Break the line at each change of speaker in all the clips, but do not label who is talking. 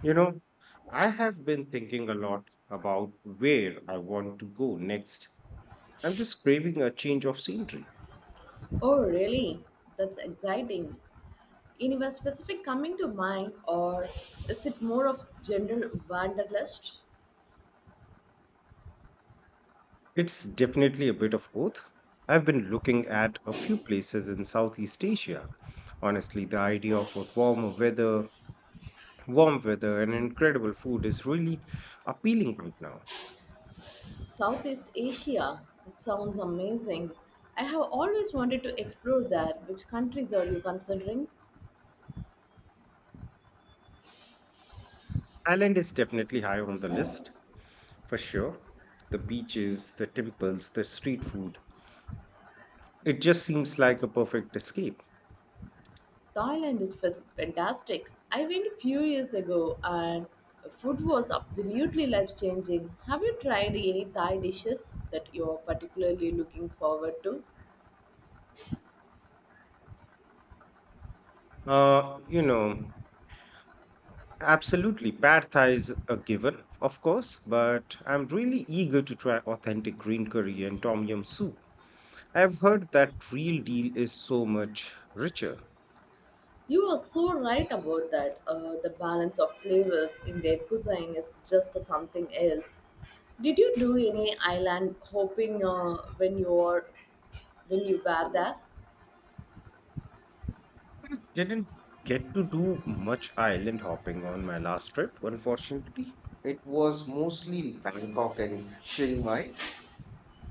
You know, I have been thinking a lot about where I want to go next. I'm just craving a change of scenery.
Oh, really? That's exciting. Any one specific coming to mind, or is it more of general wanderlust?
It's definitely a bit of both. I've been looking at a few places in Southeast Asia. Honestly, the idea of a warmer weather, warm weather, and incredible food is really appealing right now.
Southeast Asia. That sounds amazing. I have always wanted to explore that. Which countries are you considering?
Thailand is definitely high on the list, for sure. The beaches, the temples, the street food. It just seems like a perfect escape.
Fantastic. I went a few years ago, and the food was absolutely life changing. Have you tried any Thai dishes that you are particularly looking forward to?
You know, absolutely. Pad Thai is a given, of course, but I'm really eager to try authentic green curry and tom yum soup. I've heard that real deal is so much richer.
You are so right about that. The balance of flavors in their cuisine is just something else. Did you do any island hopping when you were there?
I didn't get to do much island hopping on my last trip, unfortunately. It was mostly Bangkok and Chiang Mai.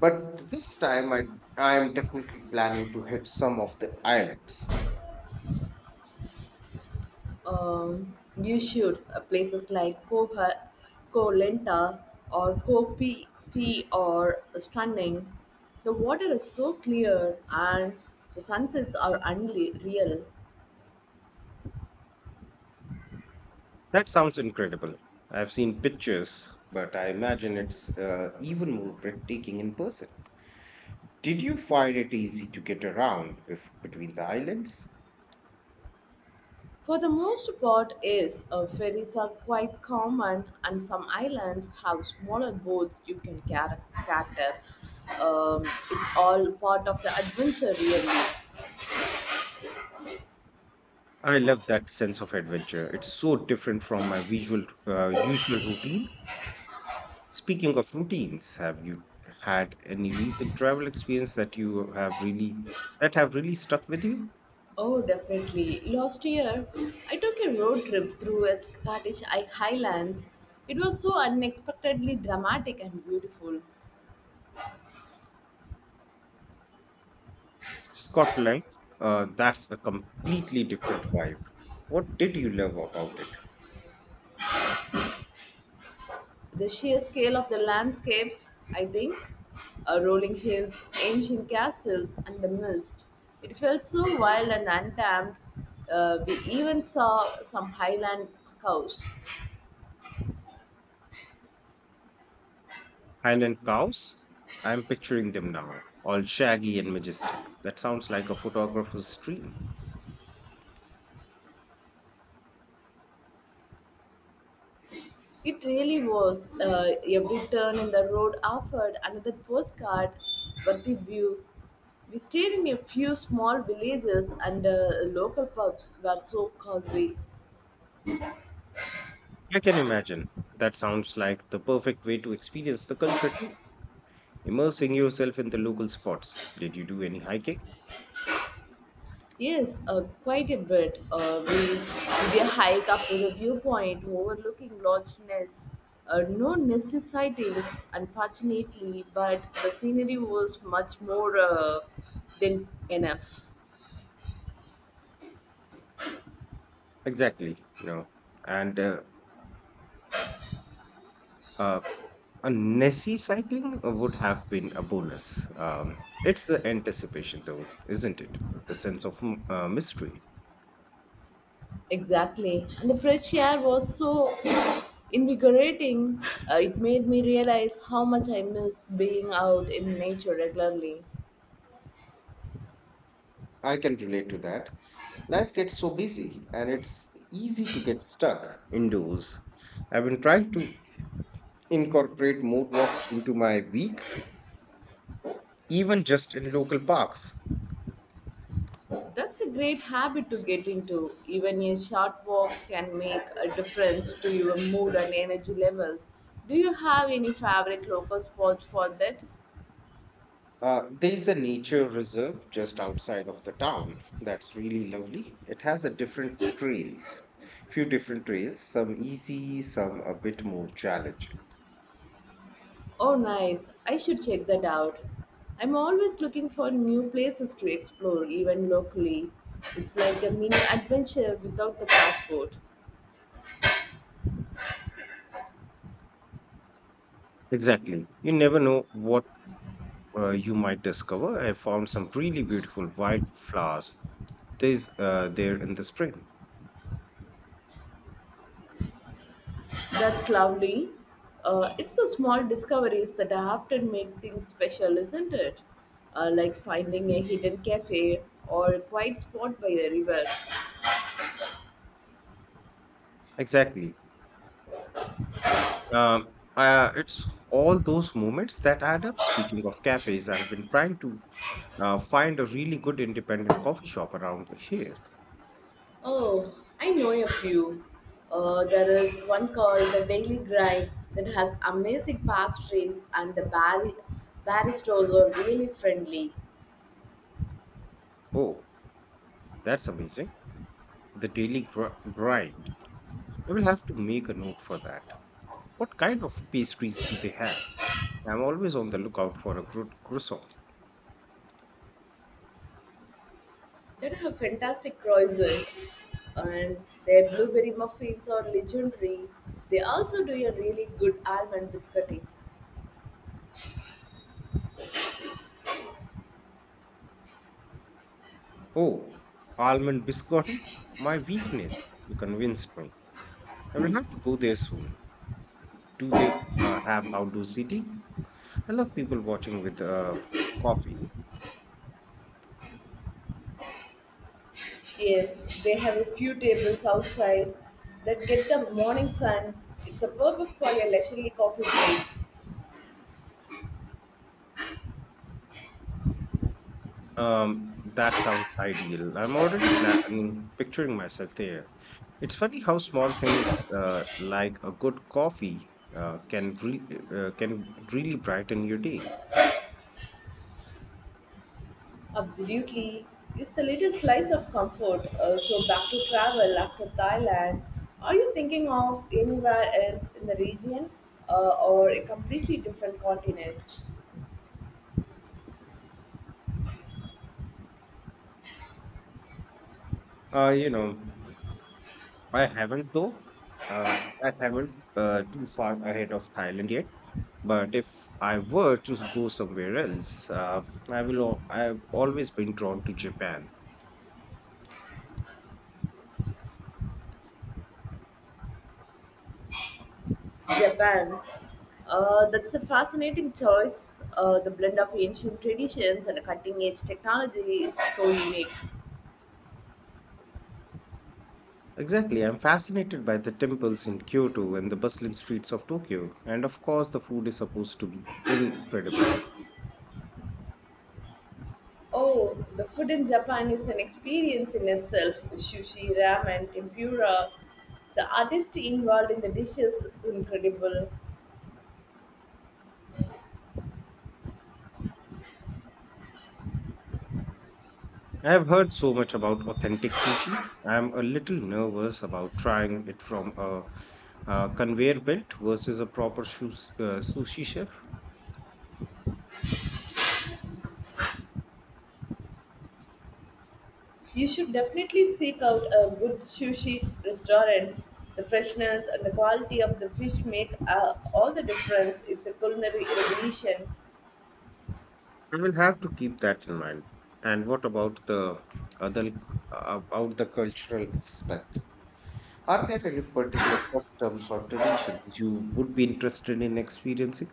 But this time I am definitely planning to hit some of the islands.
Um, you should, places like Koha, Koh Lanta or Koh Phi Phi are stunning. The water is so clear and the sunsets are unreal.
That sounds incredible. I've seen pictures, but I imagine it's even more breathtaking in person. Did you find it easy to get around between the islands?
For the most part, yes, ferries are quite common, and some islands have smaller boats you can charter. It's all part of the adventure, really.
I love that sense of adventure. It's so different from my usual routine. Speaking of routines, have you had any recent travel experience that have really stuck with you?
Oh, definitely. Last year, I took a road trip through a Scottish Highlands. It was so unexpectedly dramatic and beautiful.
Scotland, that's a completely different vibe. What did you love about it?
The sheer scale of the landscapes, I think, rolling hills, ancient castles, and the mist. It felt so wild and untamed. We even saw some highland cows.
Highland cows? I'm picturing them now, all shaggy and majestic. That sounds like a photographer's dream.
It really was. Every turn in the road offered another postcard worthy view. We stayed in a few small villages, and local pubs were so cozy.
I can imagine. That sounds like the perfect way to experience the culture too, immersing yourself in the local spots. Did you do any hiking?
Yes, quite a bit. We did a hike up to the viewpoint overlooking Loch Ness. No necessities, unfortunately, but the scenery was much more than enough.
Exactly, you know. And uh, A Nessie cycling would have been a bonus. It's the anticipation, though, isn't it? The sense of mystery.
Exactly. And the fresh air was so invigorating, it made me realize how much I miss being out in nature regularly.
I can relate to that. Life gets so busy and it's easy to get stuck indoors. I've been trying to incorporate more walks into my week, even just in local parks.
That's a great habit to get into. Even a short walk can make a difference to your mood and energy levels. Do you have any favorite local spots for that?
There is a nature reserve just outside of the town that's really lovely. It has few different trails, some easy, some a bit more challenging.
Oh, nice. I should check that out. I'm always looking for new places to explore, even locally. It's like a mini adventure without the passport.
Exactly. You never know what you might discover. I found some really beautiful wildflowers. There's there in the spring.
That's lovely. It's the small discoveries that often make things special, isn't it? Like finding a hidden cafe or a quiet spot by the river.
Exactly. Um, it's all those moments that add up. Speaking of cafes, I have been trying to find a really good independent coffee shop around here.
Oh, I know a few. There is one called the Daily Grind that has amazing pastries and the baristas are really friendly.
Oh, that's amazing. The Daily Grind. I will have to make a note for that. What kind of pastries do they have? I'm always on the lookout for a good croissant.
They have fantastic croissants, and their blueberry muffins are legendary. They also do a really good almond biscuiting.
Oh, almond biscotti? My weakness. You convinced me. I will have to go there soon. Do they have outdoor seating? I love people watching with coffee.
Yes, they have a few tables outside that get the morning sun. It's a perfect for your leisurely coffee break.
That sounds ideal. I'm already picturing myself there. It's funny how small things like a good coffee can really brighten your day.
Absolutely. It's the little slice of comfort. So back to travel after Thailand. Are you thinking of anywhere else in the region or a completely different continent?
You know. I haven't though. I haven't too far ahead of Thailand yet. But if I were to go somewhere else, I've always been drawn to Japan.
Japan. That's a fascinating choice. The blend of ancient traditions and cutting edge technology is so unique.
Exactly, I'm fascinated by the temples in Kyoto and the bustling streets of Tokyo, and of course, the food is supposed to be incredible.
Oh, the food in Japan is an experience in itself. Sushi, ramen, tempura. The artistry involved in the dishes is incredible.
I have heard so much about authentic sushi. I'm a little nervous about trying it from a conveyor belt versus a proper sushi chef.
You should definitely seek out a good sushi restaurant. The freshness and the quality of the fish make all the difference. It's a culinary revolution.
I will have to keep that in mind. And what about the other about the cultural aspect? Are there any particular customs or traditions you would be interested in experiencing?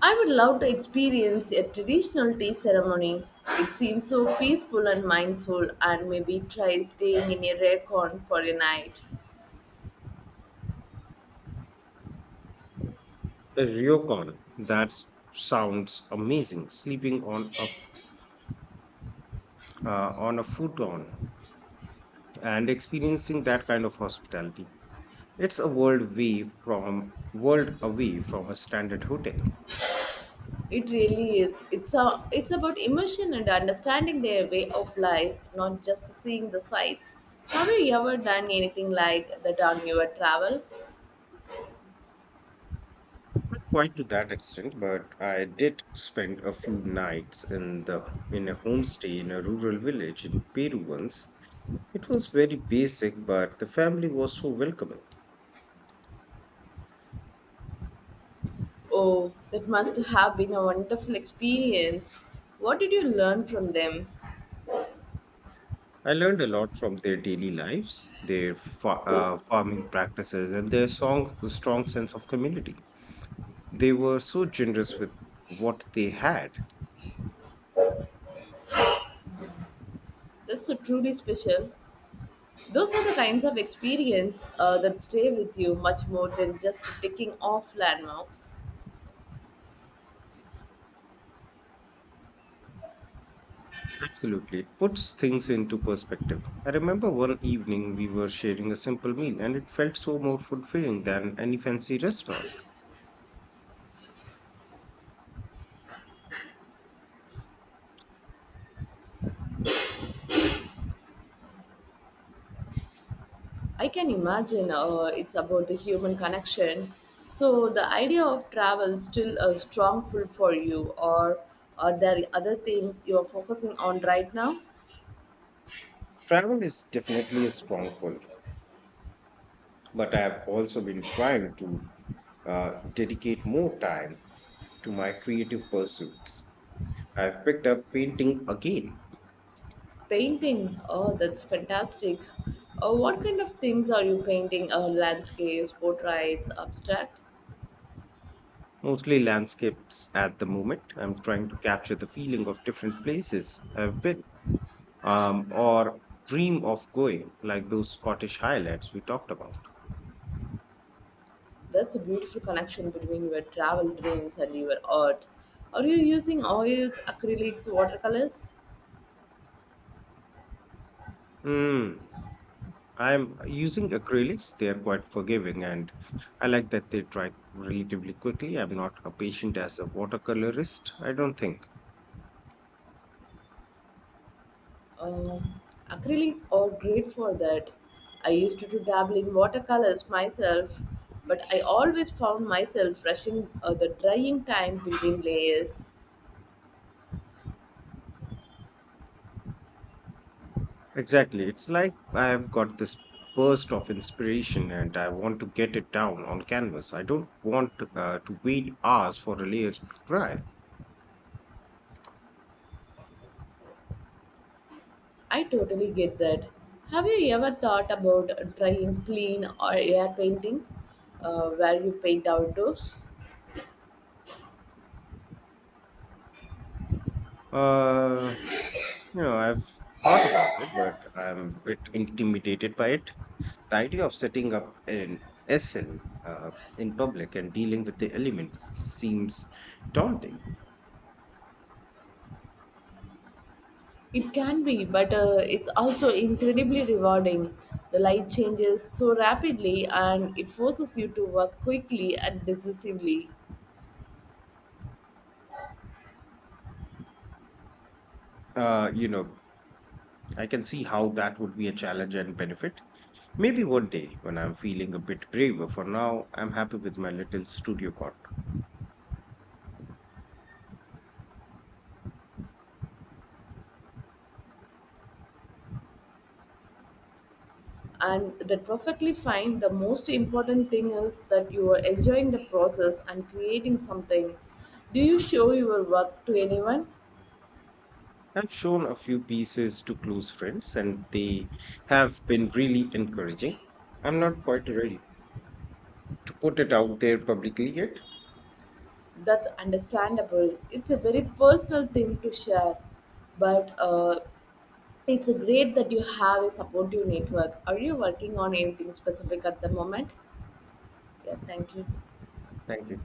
I would love to experience a traditional tea ceremony. It seems so peaceful and mindful, and maybe try staying in a ryokan for a night.
A ryokan. That sounds amazing. Sleeping on a futon and experiencing that kind of hospitality. It's a world away from a standard hotel.
It really is. It's about emotion and understanding their way of life, not just seeing the sights. Have you ever done anything like that on your travel?
Not quite to that extent, but I did spend a few nights in a homestay in a rural village in Peru once. It was very basic, but the family was so welcoming.
Oh, that must have been a wonderful experience. What did you learn from them?
I learned a lot from their daily lives, their farming practices, and their strong sense of community. They were so generous with what they had.
That's a truly special. Those are the kinds of experience that stay with you much more than just ticking off landmarks.
Absolutely. It puts things into perspective. I remember one evening we were sharing a simple meal and it felt so more fulfilling than any fancy restaurant.
I can imagine, it's about the human connection. So the idea of travel still a strong pull for you, or are there other things you are focusing on right now?
Travel is definitely a stronghold, but I have also been trying to dedicate more time to my creative pursuits. I've picked up painting again,
Painting. Oh, that's fantastic. What kind of things are you painting? Landscapes, portraits, abstract.
mostly landscapes at the moment. I'm trying to capture the feeling of different places I've been, or dream of going, like those Scottish highlights we talked about.
That's a beautiful connection between your travel dreams and your art. Are you using oils, acrylics, watercolors?
Hmm. I'm using acrylics. They are quite forgiving, and I like that they dry relatively quickly. I'm not a patient as a watercolorist, I don't think.
Um, Acrylics are great for that. I used to do dabble in watercolors myself, but I always found myself rushing the drying time between layers.
Exactly. It's like I've got this burst of inspiration and I want to get it down on canvas. I don't want to wait hours for a layer to dry.
I totally get that. Have you ever thought about drying clean or air painting, where you paint outdoors?
Uh, you know, I've thought about it, but I'm a bit intimidated by it. The idea of setting up an SL in public and dealing with the elements seems daunting.
It can be, but it's also incredibly rewarding. The light changes so rapidly and it forces you to work quickly and decisively.
You know, I can see how that would be a challenge and benefit. Maybe one day when I'm feeling a bit braver. For now, I'm happy with my little studio corner.
And that perfectly fine, the most important thing is that you are enjoying the process and creating something. Do you show your work to anyone?
I've shown a few pieces to close friends, and they have been really encouraging. I'm not quite ready to put it out there publicly yet.
That's understandable, it's a very personal thing to share. But it's great that you have a supportive network. Are you working on anything specific at the moment? Yeah, thank you.
Thank you.